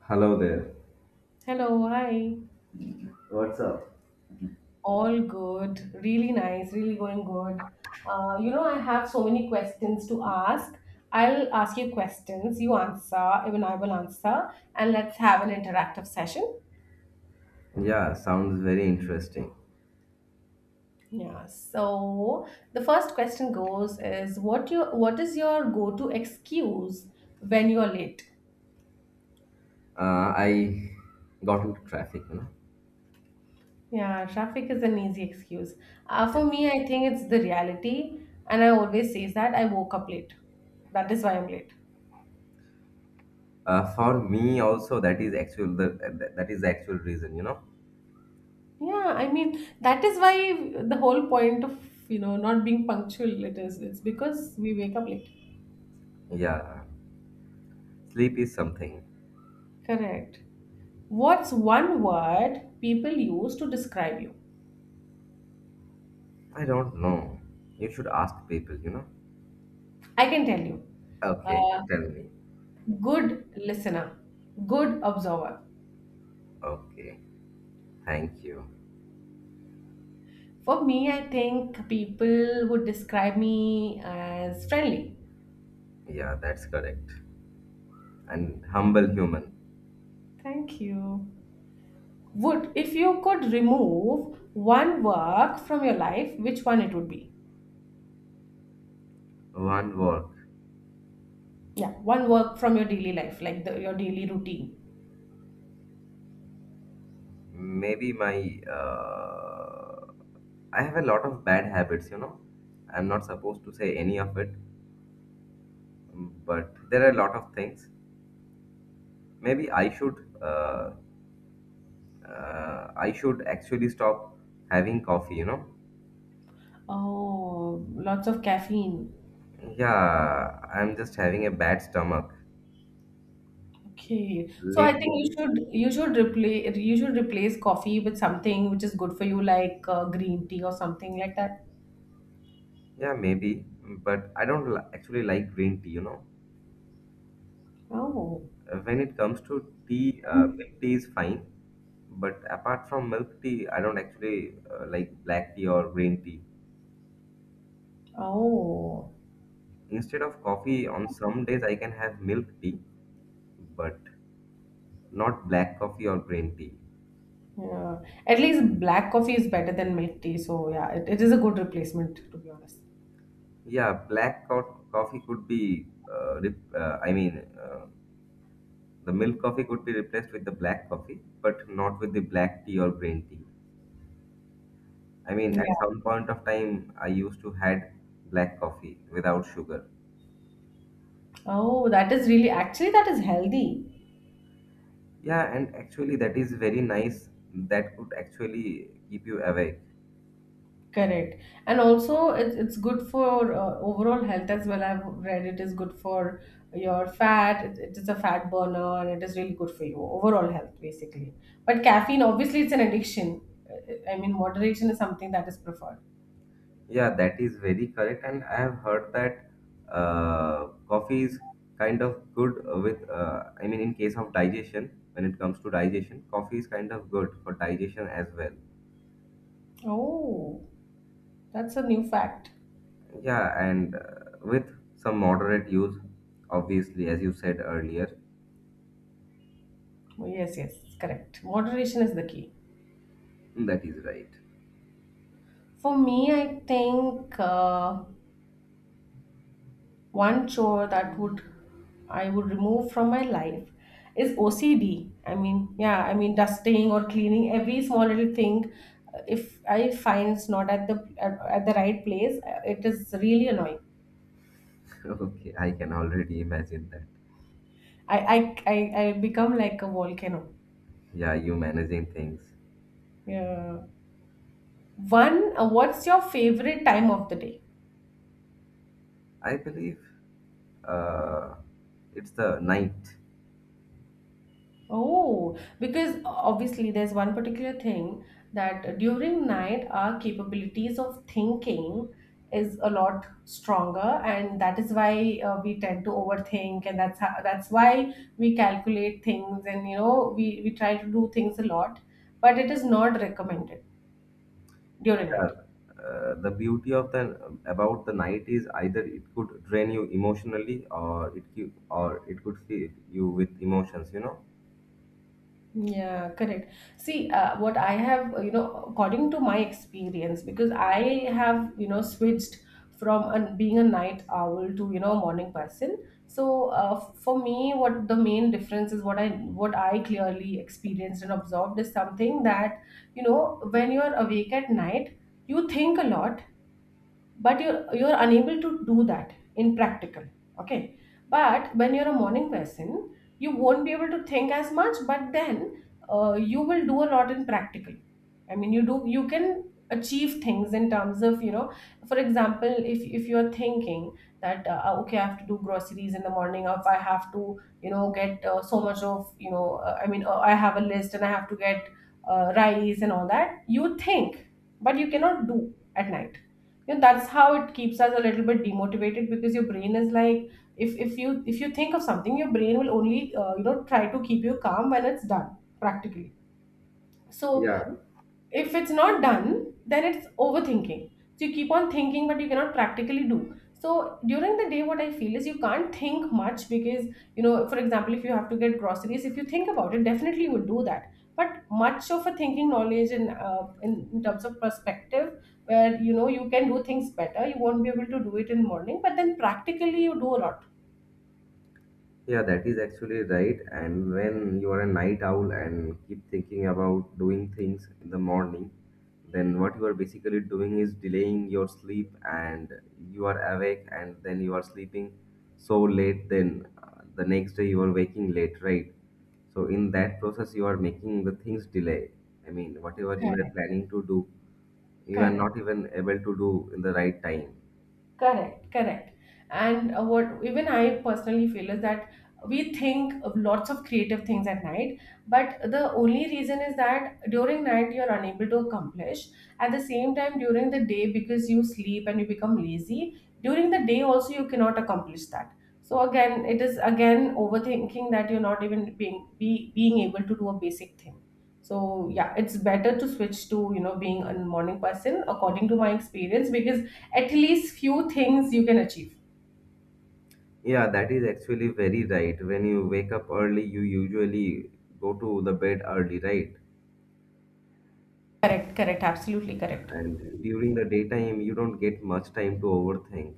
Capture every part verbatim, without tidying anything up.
Hello there. Hello, hi. What's up? All good. Really nice. Really going good. Uh, you know, I have so many questions to ask. I'll ask you questions. You answer, even I will answer, and let's have an interactive session. Yeah, sounds very interesting. Yeah. So the first question goes is what your what is your go-to excuse when you're late? Uh, I got into traffic, you know. Yeah, traffic is an easy excuse. Uh, Yeah. For me, I think it's the reality, and I always say that I woke up late. That is why I'm late. Uh, for me also, that is actual the that, that is the actual reason, you know. Yeah, I mean that is why the whole point of you know not being punctual it is it's because we wake up late. Yeah, sleep is something. Correct. What's one word people use to describe you? I don't know. You should ask people, you know. I can tell you. Okay, Uh, tell me. Good listener, good observer. Okay, thank you. For me, I think people would describe me as friendly. Yeah, that's correct. And humble human. Thank you. Would if you could remove one work from your life, which one it would be? One work. Yeah, one work from your daily life, like the, your daily routine. Maybe my uh, I have a lot of bad habits, you know. I'm not supposed to say any of it, mm, but there are a lot of things. Maybe I should, uh, uh, I should actually stop having coffee, you know. Oh, lots of caffeine. Yeah, I'm just having a bad stomach Okay. So I think lately. you It is. should you should replace you should replace coffee with something which is good for you, like uh, green tea or something like that. Yeah, maybe, but I don't li- actually like green tea, you know. Oh, Uh, When it comes to tea, uh, milk tea is fine, but apart from milk tea, I don't actually uh, like black tea or green tea. oh, Instead of coffee, on some days I can have milk tea, but not black coffee or green tea. yeah. At least black coffee is better than milk tea. So yeah, it, it is a good replacement to be honest. Yeah, black co- coffee could be, uh, rep- uh, I mean, uh, The milk coffee could be replaced with the black coffee, but not with the black tea or green tea. I mean, Yeah. at some point of time, I used to had black coffee without sugar. Oh, that is really actually that is healthy. Yeah, and actually that is very nice. That could actually keep you awake. Correct. And also, it's, it's good for uh, overall health as well. I've read it is good for your fat, it, it is a fat burner, and it is really good for you. Overall health, basically. But caffeine, obviously, it's an addiction. Uh, I mean, moderation is something that is preferred. Yeah, that is very correct. And I have heard that uh, coffee is kind of good with, uh, I mean, in case of digestion, when it comes to digestion, coffee is kind of good for digestion as well. Oh, that's a new fact. Yeah, and uh, With some moderate use, obviously, as you said earlier, Oh, yes, yes, correct. Moderation is the key. that is right. For me, I think. Uh, One chore that would I would remove from my life is O C D. I mean, yeah, I mean dusting or cleaning every small little thing. uh, If I find it's not at the at, at the right place, uh, it is really annoying. Okay, I can already imagine that. I I I, I become like a volcano. Yeah, you managing things. Yeah. One, uh, what's your favorite time of the day? I believe uh, it's the night. Oh, because obviously there's one particular thing that during night our capabilities of thinking is a lot stronger, and that is why uh, we tend to overthink, and that's how, that's why we calculate things, and you know we we try to do things a lot, but it is not recommended during Yeah, night. uh, the beauty of the about the night is either it could drain you emotionally or it cu- or it could fill you with emotions, you know. Yeah, correct. See, uh, what I have, uh, you know, according to my experience, because I have, you know, switched from an, being a night owl to, you know, a morning person. So, uh, for me, what the main difference is what I what I clearly experienced and observed is something that, you know, when you are awake at night, you think a lot but you're you're unable to do that in practical, okay, but when you're a morning person you won't be able to think as much, but then uh, you will do a lot in practical. I mean you do you can achieve things in terms of, you know, for example, if if you're thinking that uh, ah, okay, I have to do groceries in the morning, or if I have to, you know, get uh, so much of, you know, uh, i mean uh, I have a list and I have to get uh, rice and all that, you think, but you cannot do at night. You know, that's how it keeps us a little bit demotivated, because your brain is like, if if you if you think of something, your brain will only, uh, you know, try to keep you calm when it's done practically. So Yeah. if it's not done, then it's overthinking, so you keep on thinking but you cannot practically do. So during the day what I feel is you can't think much because, you know, for example, if you have to get groceries, if you think about it, definitely you would do that, but much of a thinking knowledge in, uh, in, in terms of perspective, where you know you can do things better, you won't be able to do it in morning, but then practically you do a lot. Yeah, that is actually right. And when you are a night owl and keep thinking about doing things in the morning, then what you are basically doing is delaying your sleep and you are awake and then you are sleeping so late, then uh, the next day you are waking late, right? So, in that process, you are making the things delay. I mean, whatever you were Correct, planning to do, you are correct. not even able to do in the right time. Correct, correct. And uh, what even I personally feel is that we think of lots of creative things at night, but the only reason is that during night you're unable to accomplish. At the same time, during the day, because you sleep and you become lazy, during the day also you cannot accomplish that. So again, it is again overthinking that you're not even being be, being able to do a basic thing. So yeah, it's better to switch to you know being a morning person according to my experience because at least few things you can achieve. Yeah, that is actually very right. When you wake up early, you usually go to the bed early, right? Correct, correct, absolutely correct. And during the daytime, you don't get much time to overthink.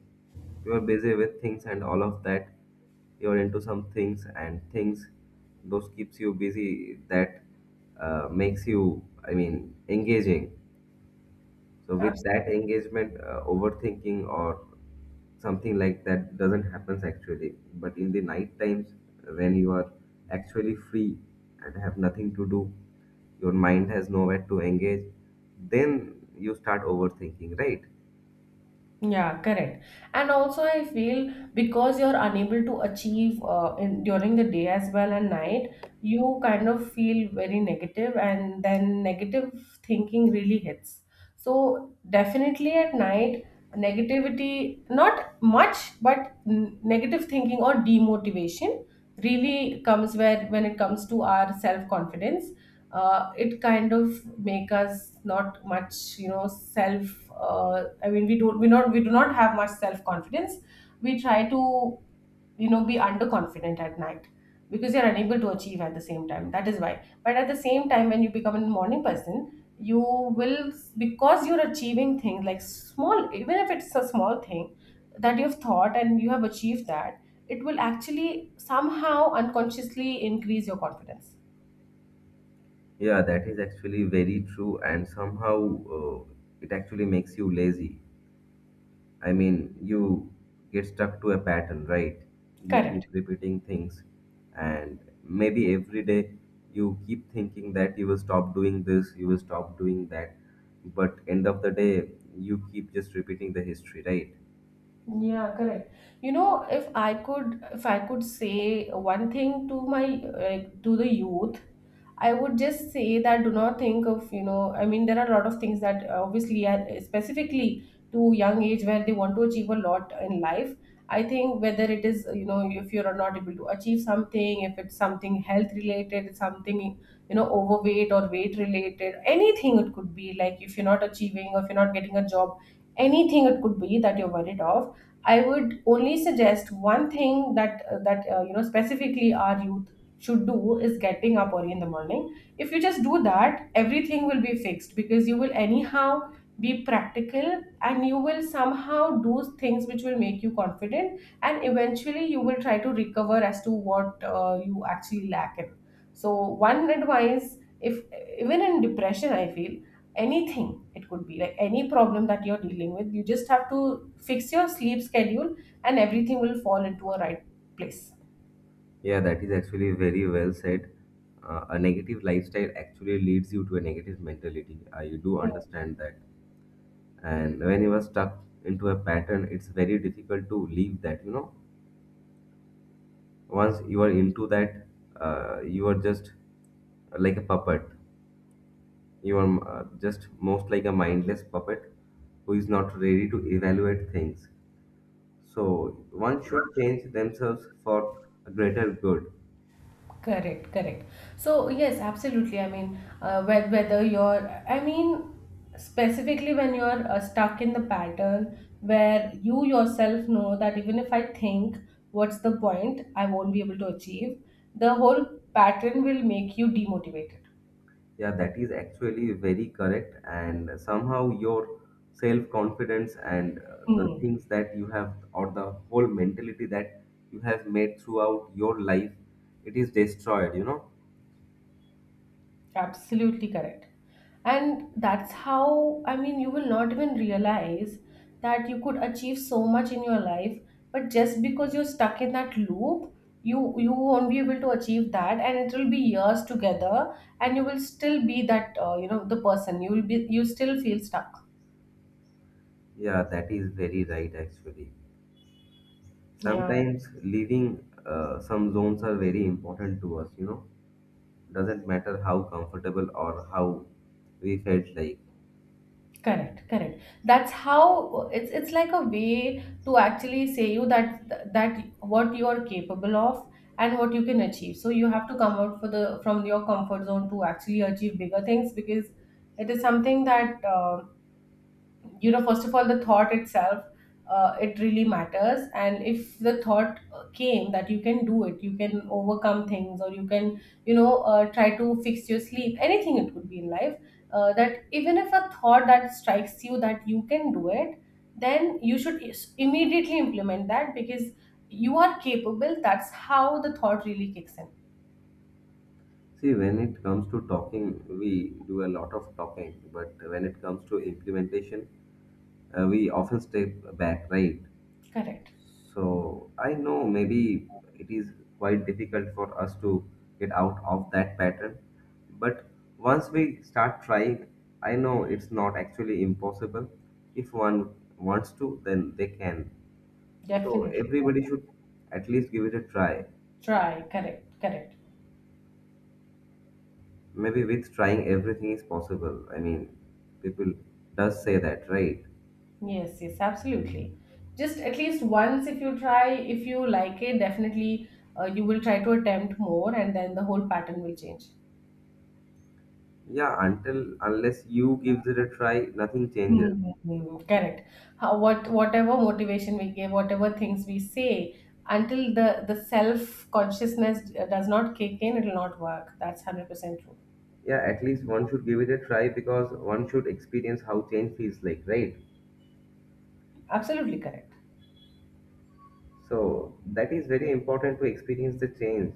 You are busy with things and all of that. You're into some things and things. Those keeps you busy. That uh, makes you, I mean, engaging. So with that Absolutely. engagement, uh, overthinking or something like that doesn't happen actually. But in the night times, when you are actually free and have nothing to do, your mind has nowhere to engage, then you start overthinking, right? Yeah, correct. And also, I feel because you're unable to achieve uh, in during the day as well and night, you kind of feel very negative, and then negative thinking really hits. So definitely at night, negativity, not much, but n- negative thinking or demotivation really comes where when it comes to our self-confidence, uh, it kind of make us not much, you know, self, uh, i mean we don't we not we do not have much self confidence. We try to, you know, be underconfident at night because you're unable to achieve at the same time, that is why. But at the same time when you become a morning person you will, because you're achieving things, like small, even if it's a small thing that you've thought and you have achieved that, it will actually somehow unconsciously increase your confidence. Yeah, that is actually very true, and somehow uh, it actually makes you lazy. I mean, you get stuck to a pattern, right? You keep Correct. repeating things, and maybe every day you keep thinking that you will stop doing this, you will stop doing that, but end of the day, you keep just repeating the history, right? Yeah, correct. You know, if I could, if I could say one thing to my, like, to the youth, I would just say that do not think of, you know, I mean, there are a lot of things that uh, obviously are specifically to young age where they want to achieve a lot in life. I think whether it is, you know, if you're not able to achieve something, if it's something health related, something, you know, overweight or weight related, anything it could be, like if you're not achieving or if you're not getting a job, anything it could be that you're worried of, I would only suggest one thing that uh, that uh, you know specifically our youth should do is getting up early in the morning. If you just do that, everything will be fixed because you will anyhow be practical and you will somehow do things which will make you confident, and eventually you will try to recover as to what uh, you actually lack in. So one advice, if even in depression I feel, anything it could be, like any problem that you're dealing with, you just have to fix your sleep schedule and everything will fall into a right place. Yeah, that is actually very well said. Uh, a negative lifestyle actually leads you to a negative mentality. Uh, you do understand that. And when you are stuck into a pattern, it's very difficult to leave that, you know. Once you are into that, uh, you are just uh, like a puppet. You are uh, just most like a mindless puppet who is not ready to evaluate things. So one should change themselves for a greater good. Correct, correct. So, yes, absolutely. I mean, uh, whe- whether you're, I mean, specifically when you're uh, stuck in the pattern where you yourself know that even if I think what's the point, I won't be able to achieve, the whole pattern will make you demotivated. Yeah, that is actually very correct, and somehow your self confidence and uh, the Hmm. things that you have or the whole mentality that you have made throughout your life, it is destroyed, you know. Absolutely correct. And that's how, I mean, you will not even realize that you could achieve so much in your life, but just because you're stuck in that loop, you you won't be able to achieve that, and it will be years together, and you will still be that uh, you know the person. You will be you still feel stuck. Yeah, that is very right actually. Yeah. Sometimes leaving uh, some zones are very important to us, you know. Doesn't matter how comfortable or how we felt like. Correct, correct. That's how it's it's like a way to actually say you that that what you are capable of and what you can achieve, so you have to come out for the from your comfort zone to actually achieve bigger things, because it is something that um you know, first of all, the thought itself, uh, it really matters, and if the thought uh, came that you can do it, you can overcome things, or you can, you know, uh, try to fix your sleep, anything it could be in life, uh, that even if a thought that strikes you that you can do it, then you should is- immediately implement that because you are capable. That's how the thought really kicks in. See, when it comes to talking, we do a lot of talking, but when it comes to implementation, uh, we often step back, right? Correct. So I know maybe it is quite difficult for us to get out of that pattern, but once we start trying, I know it's not actually impossible. If one wants to, then they can. So Definitely. everybody should at least give it a try. Try, correct, correct. Maybe with trying, everything is possible. I mean, people does say that, right? Yes, yes, absolutely. Just at least once, if you try, if you like it, definitely uh, you will try to attempt more, and then the whole pattern will change. Yeah, until unless you gives it a try, nothing changes. Hmm, correct. How, what whatever motivation we give, whatever things we say, until the the self consciousness does not kick in, it will not work. That's hundred percent true. Yeah, at least one should give it a try because one should experience how change feels like, right? Absolutely correct. So that is very important to experience the change.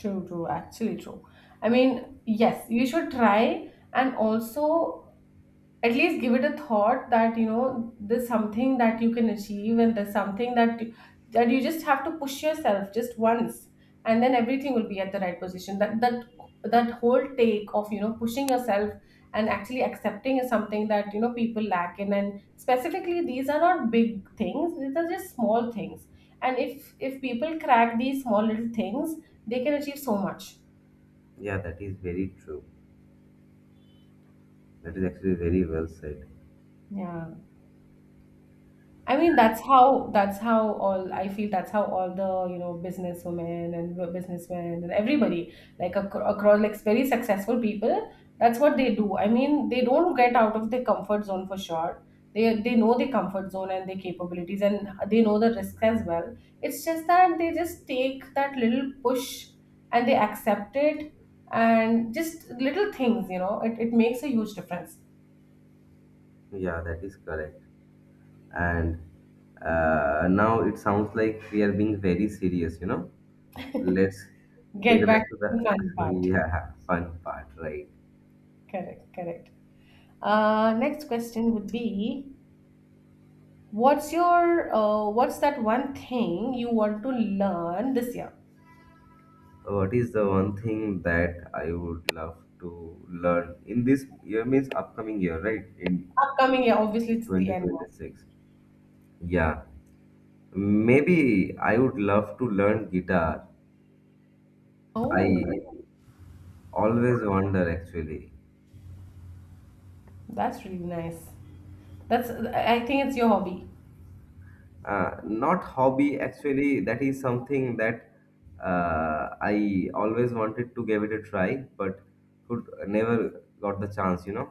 True, true. Actually, true. I mean, yes, you should try, and also at least give it a thought that you know there's something that you can achieve, and there's something that that you just have to push yourself just once, and then everything will be at the right position. That that that whole take of you know pushing yourself and actually accepting is something that you know people lack in. And specifically, these are not big things, these are just small things. And if if people crack these small little things, they can achieve so much. Yeah, that is very true. That is actually very well said. Yeah. I mean, that's how that's how all I feel, that's how all the you know businesswomen and w- businessmen and everybody, like acro- across, like very successful people, that's what they do. I mean, they don't get out of their comfort zone for sure. They they know their comfort zone and their capabilities, and they know the risks as well. It's just that they just take that little push and they accept it, and just little things, you know it, it makes a huge difference. Yeah, that is correct. And uh, now it sounds like we are being very serious, you know. Let's get Get back back to the to the fun part. yeah fun part, right? Correct. Correct. Uh, next question would be, what's your uh, what's that one thing you want to learn this year? What is the one thing that I would love to learn in this year? Means upcoming year, right? In Upcoming year, obviously it's the end. twenty twenty-six. Yeah, maybe I would love to learn guitar. Oh, I always wonder actually. that's really nice. That's, I think, it's your hobby. Uh, not hobby, actually, that is something that uh, I always wanted to give it a try, but could never got the chance, you know.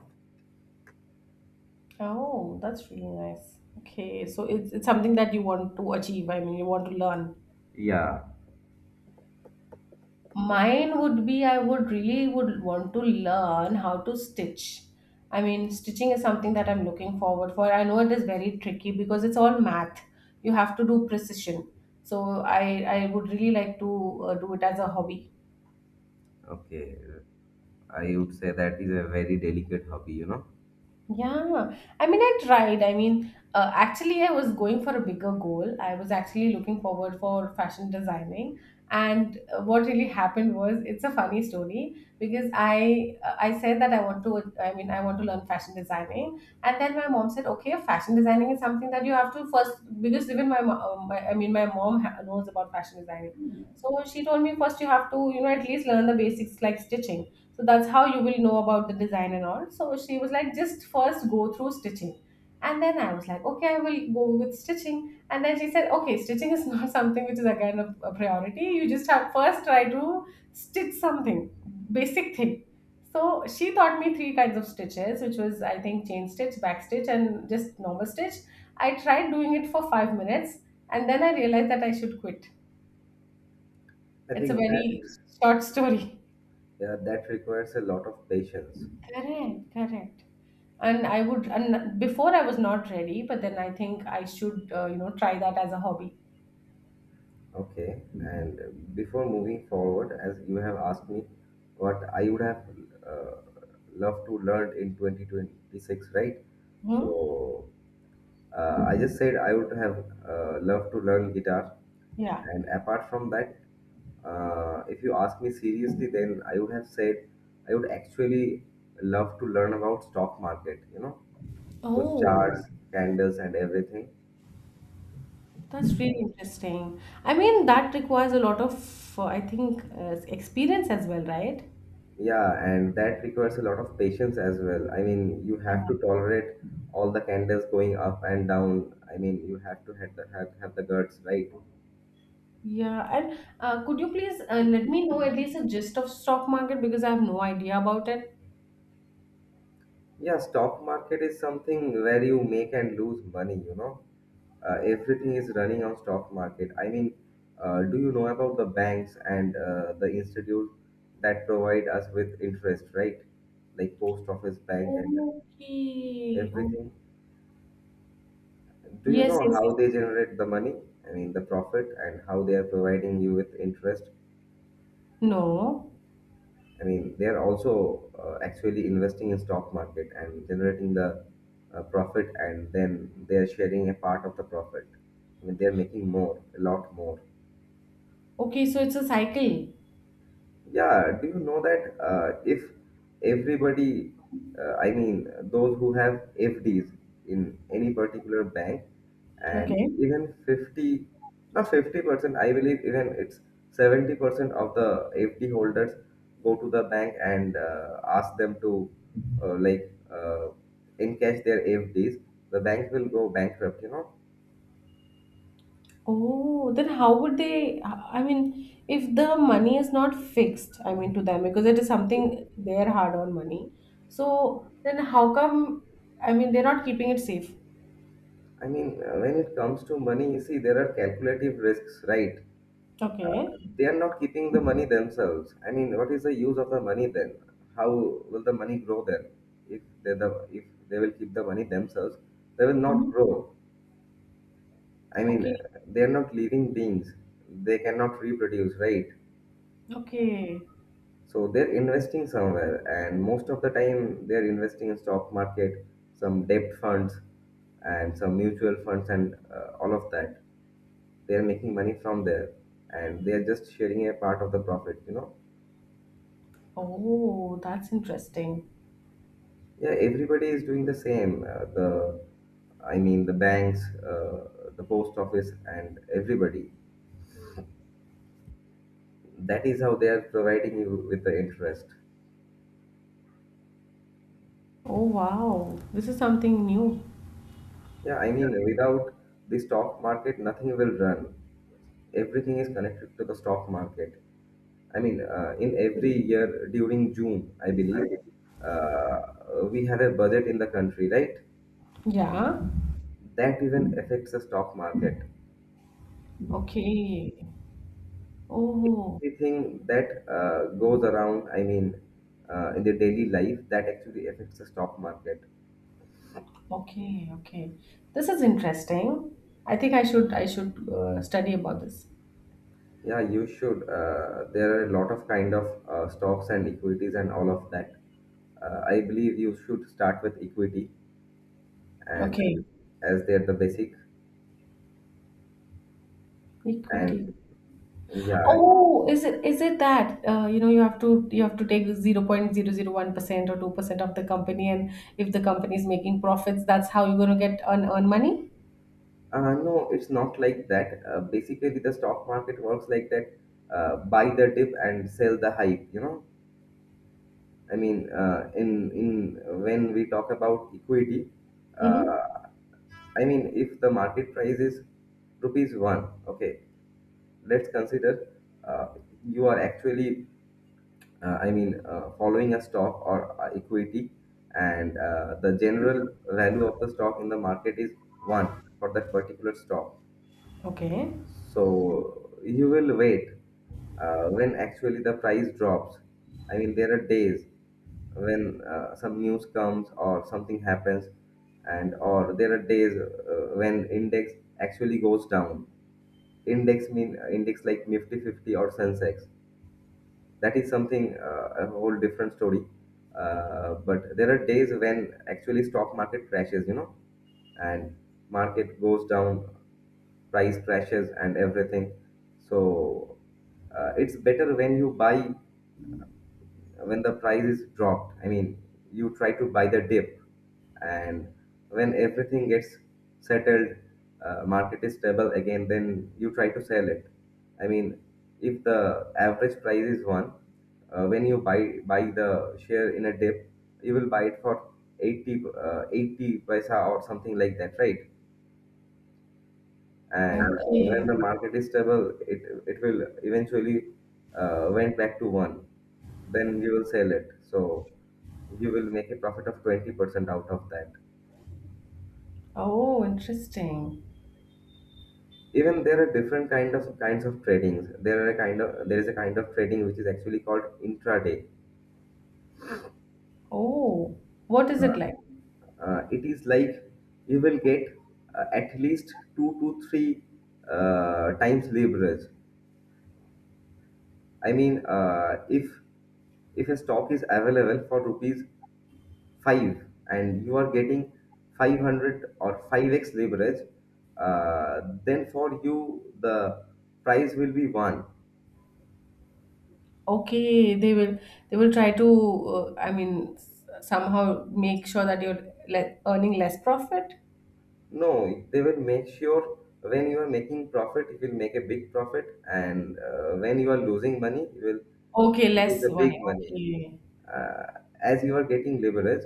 Oh, that's really nice. Okay, so it's it's something that you want to achieve. I mean, you want to learn. Yeah, Mine would be I would really would want to learn how to stitch. I mean, stitching is something that I'm looking forward for. I know it is very tricky because it's all math. You have to do precision. So I I would really like to uh, do it as a hobby. okay. I would say that is a very delicate hobby, you know. Yeah, I mean, I tried. I mean, uh, actually, I was going for a bigger goal. I was actually looking forward for fashion designing, and uh, what really happened was, it's a funny story because I uh, I said that I want to. I mean, I want to learn fashion designing, and then my mom said, "Okay, fashion designing is something that you have to first, because even my, mo- uh, my I mean, my mom ha- knows about fashion designing, so she told me first you have to you know at least learn the basics like stitching." So that's how you will know about the design and all. So she was like, just first go through stitching. And then I was like, okay, I will go with stitching. And then she said, okay, stitching is not something which is again a, a priority. You just have first try to stitch something, basic thing. So she taught me three kinds of stitches, which was, I think, chain stitch, back stitch, and just normal stitch. I tried doing it for five minutes, and then I realized that I should quit. I It's a think that, very short story. yeah, that requires a lot of patience. Correct. Correct. And i would and before I was not ready, but then I think I should uh, you know try that as a hobby. Okay, and before moving forward, as you have asked me what I would have uh, loved to learn in twenty twenty-six, right? Hmm? So uh, I just said I would have uh, loved to learn guitar, Yeah. and apart from that, uh, if you ask me seriously, then I would have said I would actually love to learn about stock market, you know, those Oh, charts, candles, and everything. that's really interesting. I mean, that requires a lot of uh, I think uh, experience as well, right? Yeah, and that requires a lot of patience as well. I mean, you have to tolerate all the candles going up and down. I mean, you have to have the, have, have the guts, right? Yeah. And uh, could you please uh, let me know at least a gist of stock market, because I have no idea about it. Yeah, stock market is something where you make and lose money, you know. Uh, everything is running on stock market. I mean, uh, do you know about the banks and uh, the institute that provide us with interest, right? Like post office, bank, and Okay. Oh. everything. Do you Yes, know yes, yes. how they generate the money? I mean, the profit and how they are providing you with interest. No. I mean, they are also uh, actually investing in stock market and generating the uh, profit, and then they are sharing a part of the profit. I mean, they are making more, a lot more. Okay, so it's a cycle. Yeah, do you know that uh, if everybody, uh, I mean, those who have F Ds in any particular bank, Okay. and even fifty, not fifty percent, I believe even it's seventy percent of the F D holders go to the bank and uh, ask them to uh, like uh, encash their F Ds, the bank will go bankrupt, you know. Oh, then how would they? I mean, if the money is not fixed, I mean, to them, because it is something their hard-earned money. So then how come, I mean, they're not keeping it safe? I mean, uh, when it comes to money, see, there are calculative risks, right? Uh, Okay. They are not keeping the money themselves. I mean, what is the use of the money then? How will the money grow then? If they the if they will keep the money themselves, they will not Mhm. grow. I mean, Okay. uh, they are not living beings. They cannot reproduce, right? Okay. So they're investing somewhere, and most of the time they're investing in stock market, some debt funds, and some mutual funds and uh, all of that. They are making money from there, and they are just sharing a part of the profit, you know. Oh, that's interesting. Yeah, everybody is doing the same. Uh, the, I mean, the banks, uh, the post office, and everybody. That is how they are providing you with the interest. Oh, wow. This is something new. Yeah, I mean, without the stock market, nothing will run. Everything is connected to the stock market. I mean, uh, in every year during June, I believe, uh, we have a budget in the country, right? Yeah. That even affects the stock market. Okay. Oh, Everything that uh, goes around, I mean, uh, in the daily life that actually affects the stock market. okay, okay. This is interesting. I think I should I should uh, study about this. Yeah, you should. Uh, there are a lot of kind of uh, stocks and equities and all of that. Uh, I believe you should start with equity and Okay. as they're the basic. And Equity. yeah, Oh, is it is it that uh, you know you have to you have to take zero point zero zero one percent or two percent of the company, and if the company is making profits, that's how you're going to get earn, earn money? uh, no, it's not like that. Uh, basically, the stock market works like that. Uh, buy the dip and sell the hype, you know. I mean, uh, in in when we talk about equity, Mm-hmm. uh, I mean, if the market price is rupees one, okay, let's consider, uh, you are actually, uh, I mean, uh, following a stock or uh, equity, and uh, the general value of the stock in the market is one for that particular stock. Okay. So you will wait uh, when actually the price drops. I mean, there are days when uh, some news comes or something happens, and or there are days uh, when index actually goes down. Index mean uh, index like Nifty fifty or Sensex. That is something uh, a whole different story, uh, but there are days when actually stock market crashes, you know, and market goes down, price crashes and everything. So uh, it's better when you buy, when the price is dropped. I mean, you try to buy the dip. And when everything gets settled, uh, market is stable again, then you try to sell it. I mean, if the average price is one, uh, when you buy buy the share in a dip, you will buy it for eighty uh, eighty paisa or something like that, right? And uh, when Okay. the market is stable, it it will eventually uh, went back to one. Then you will sell it, so you will make a profit of twenty percent out of that. Oh, interesting. Even there are different kind of kinds of tradings. There are a kind of there is a kind of trading which is actually called intraday. Oh, what is it uh, like? uh, it is like you will get uh, at least two to three uh, times leverage. I mean, uh, if if a stock is available for rupees five and you are getting five hundred or five x leverage, uh, then for you the price will be one. Okay, they will they will try to uh, I mean, s- somehow make sure that you're le earning less profit. No, they will make sure when you are making profit, you will make a big profit, and uh, when you are losing money, you will Okay, lose less a money. big money. Okay. Uh, as you are getting leverage,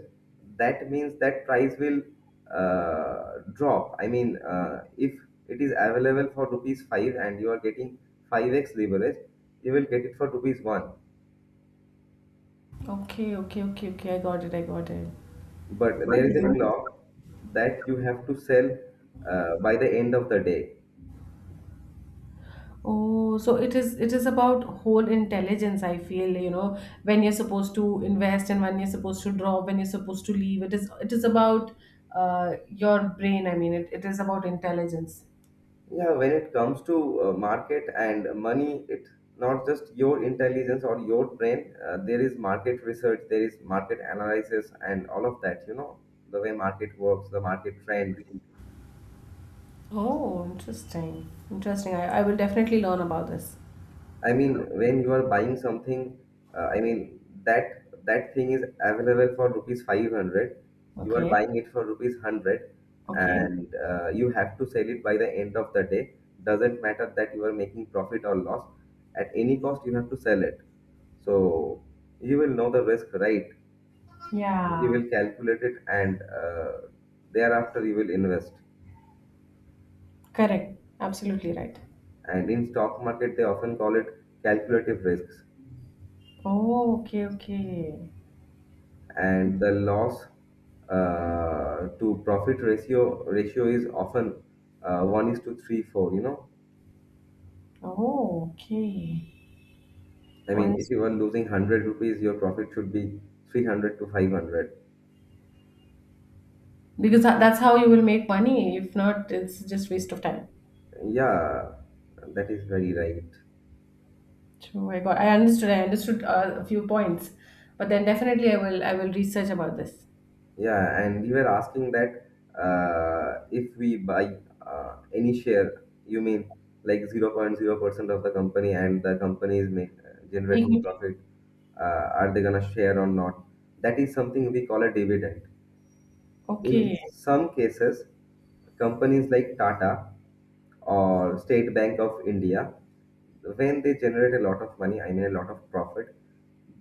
that means that price will uh, drop. I mean, uh, if it is available for rupees five and you are getting five x leverage, you will get it for rupees one. Okay, okay, okay, okay. I got it. I got it. But That there is is a interesting. clock that you have to sell uh, by the end of the day. Oh, so it is it is about whole intelligence, I feel, you know, when you're supposed to invest and when you're supposed to drop, when you're supposed to leave. It is it is about uh, your brain. I mean, it, it is about intelligence. Yeah, when it comes to uh, market and money, it's not just your intelligence or your brain. Uh, there is market research, there is market analysis, and all of that. You know, the way market works, the market trend. Oh, interesting. Interesting. I, I will definitely learn about this. I mean, when you are buying something, uh, I mean that that thing is available for rupees five hundred. You are Okay. buying it for rupees hundred, Okay. and uh, you have to sell it by the end of the day. Doesn't matter that you are making profit or loss. At any cost, you have to sell it. So you will know the risk, right? You Yeah. will calculate it, and uh, thereafter you will invest. Correct. Absolutely right. And in stock market, they often call it calculative risks. Oh, okay, okay. And the loss uh, to profit ratio ratio is often uh, one is to three four. You know, Oh, okay. I mean, if Once, you are losing one hundred rupees, your profit should be three hundred to five hundred. because tha- that's how you will make money. If not, it's just waste of time. Yeah, that is very right. True, I got. I understood. I understood uh, a few points, but then definitely I will. I will research about this Yeah, and you were asking that uh, if we buy uh, any share, you mean like zero point zero percent of the company and the company is make, generating equity. profit, uh, are they gonna share or not? That is something we call a dividend. In Okay. some cases, companies like Tata or State Bank of India, when they generate a lot of money, I mean a lot of profit,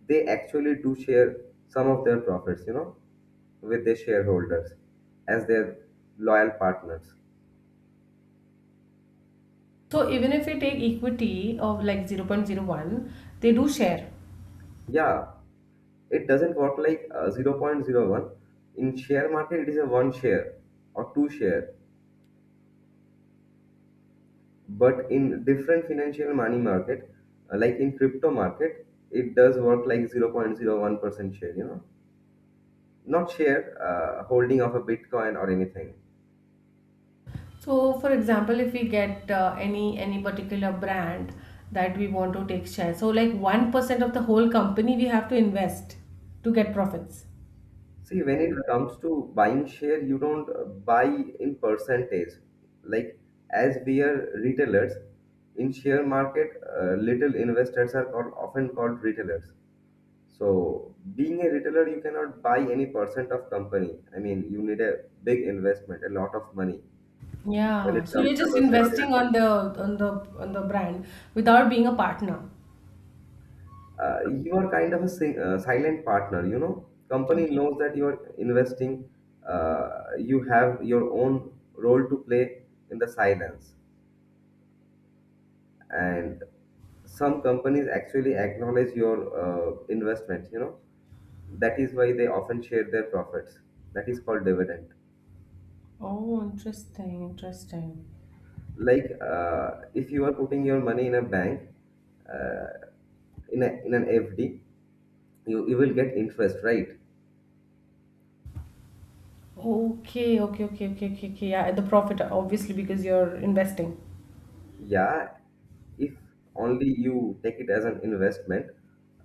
they actually do share some of their profits, you know, with their shareholders as their loyal partners. So even if we take equity of like zero point zero 0.01, they do share. Yeah, it doesn't work like uh, zero point zero 0.01. In share market, it is a one share or two share. But in different financial money market, uh, like in crypto market, it does work like zero point zero one percent share, you know. Not share, uh, holding of a bitcoin or anything. So for example, if we get uh, any any particular brand that we want to take share, so like one percent of the whole company we have to invest to get profits. See, when it comes to buying share, you don't uh, buy in percentage, like, as we are retailers in share market, uh, little investors are called, often called retailers. So being a retailer, you cannot buy any percent of company. I mean, you need a big investment, a lot of money. When Yeah. it So comes you're to just percentage, investing on the on the on the brand without being a partner. uh, you are kind of a sing- uh, silent partner, you know, company knows that you are investing. uh, you have your own role to play in the silence, and some companies actually acknowledge your uh, investment, you know. That is why they often share their profits. That is called dividend. Oh, interesting, interesting. Like, uh, if you are putting your money in a bank, uh, in, a, in an fd, you, you will get interest, right? Okay, okay, okay, okay, okay, okay. Yeah, the profit, obviously, because you're investing. Yeah, if only you take it as an investment.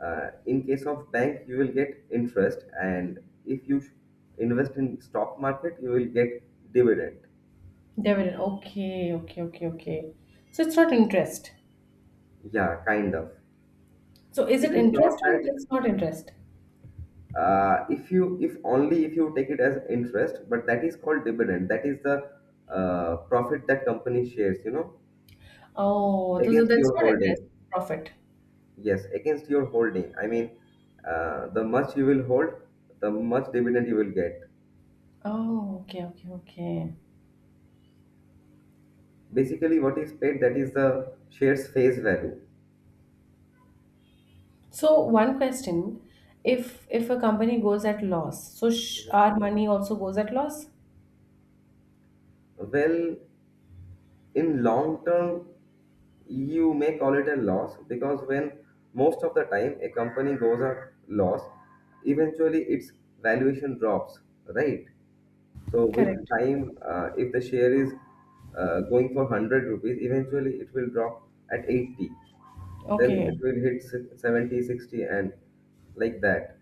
Uh, in case of bank, you will get interest, and if you sh- invest in stock market, you will get dividend. Dividend. Okay, okay, okay, okay. So it's not interest. Yeah, kind of. So is It it is interest not or that it's not interest? uh, if you if only if you take it as interest, but that is called dividend. That is the uh, profit that company shares. You know, Oh, those are- against that's your not interest, holding. profit. Yes, against your holding. I mean, uh, the much you will hold, the much dividend you will get. Oh, okay, okay, okay. Basically what is paid, that is the shares face value. So one question, if if a company goes at loss, so sh our money also goes at loss? Well, in long term, you may call it a loss because when most of the time a company goes a loss, eventually its valuation drops, right? So with Correct. time, uh, if the share is uh, going for hundred rupees, eventually it will drop at eighty. Then Okay. it will hit se- seventy sixty and like that.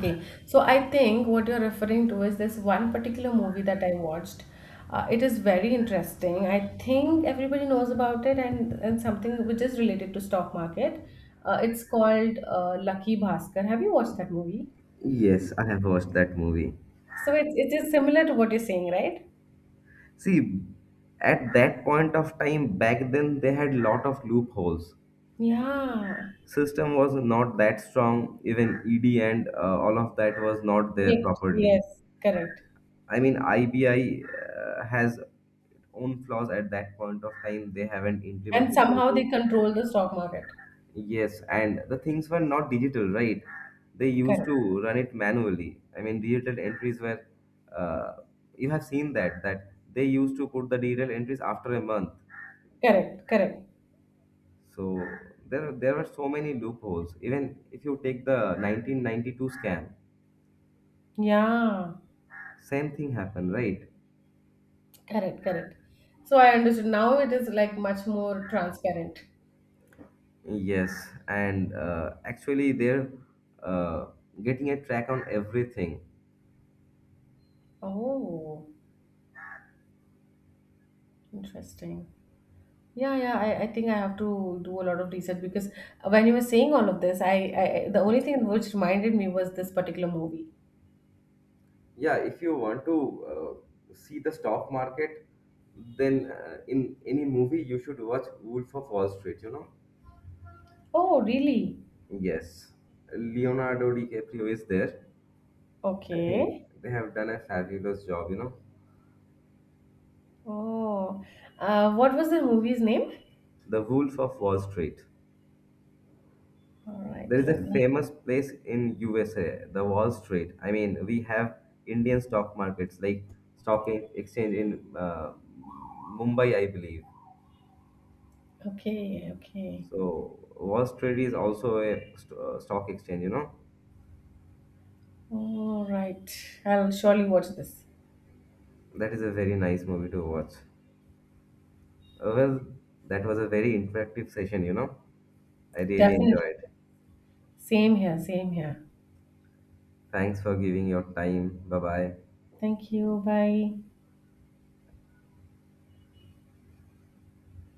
Okay, so I think what you're referring to is this one particular movie that I watched. Uh, it is very interesting. I think everybody knows about it, and, and something which is related to stock market. Uh, it's called uh, Lucky Bhaskar. Have you watched that movie? Yes, I have watched that movie. So it, it is similar to what you're saying, right? See, at that point of time back then, they had lot of loopholes. Yeah. System was not that strong. Even E D and uh, all of that was not there Mixed. properly. Yes, correct. I mean, I B I uh, has own flaws at that point of time. They haven't And implemented their somehow way. they control the stock market. Yes, and the things were not digital, right? They used Correct. to run it manually. I mean, digital entries were. Uh, you have seen that that they used to put the digital entries after a month. Correct. Correct. So there, there were so many loopholes. Even if you take the nineteen ninety-two scam, Yeah. same thing happened, right? Correct, correct. So I understood. Now it is like much more transparent. Yes, and uh, actually they're uh, getting a track on everything. Oh, interesting. Yeah, yeah. I, I think I have to do a lot of research, because when you were saying all of this, I, I I- the only thing which reminded me was this particular movie. Yeah, if you want to uh, see the stock market, then uh, in any movie you should watch Wolf of Wall Street, you know? Oh, really? Yes, Leonardo DiCaprio is there. I think Okay. they have done a fabulous job, you know. Oh, uh, what was the movie's name? The Wolf of Wall Street. All right, There is a let me. famous place in U S A, the Wall Street. I mean, we have Indian stock markets like stock e- exchange in uh, Mumbai, I believe. Okay, okay. So Wall Street is also a st- uh, stock exchange, you know, All right. I'll surely watch this. that is a very nice movie to watch. Uh, well, that was a very interactive session. You know, I really Definitely. enjoyed. Same here, same here. Thanks for giving your time. Bye bye. Thank you. Bye.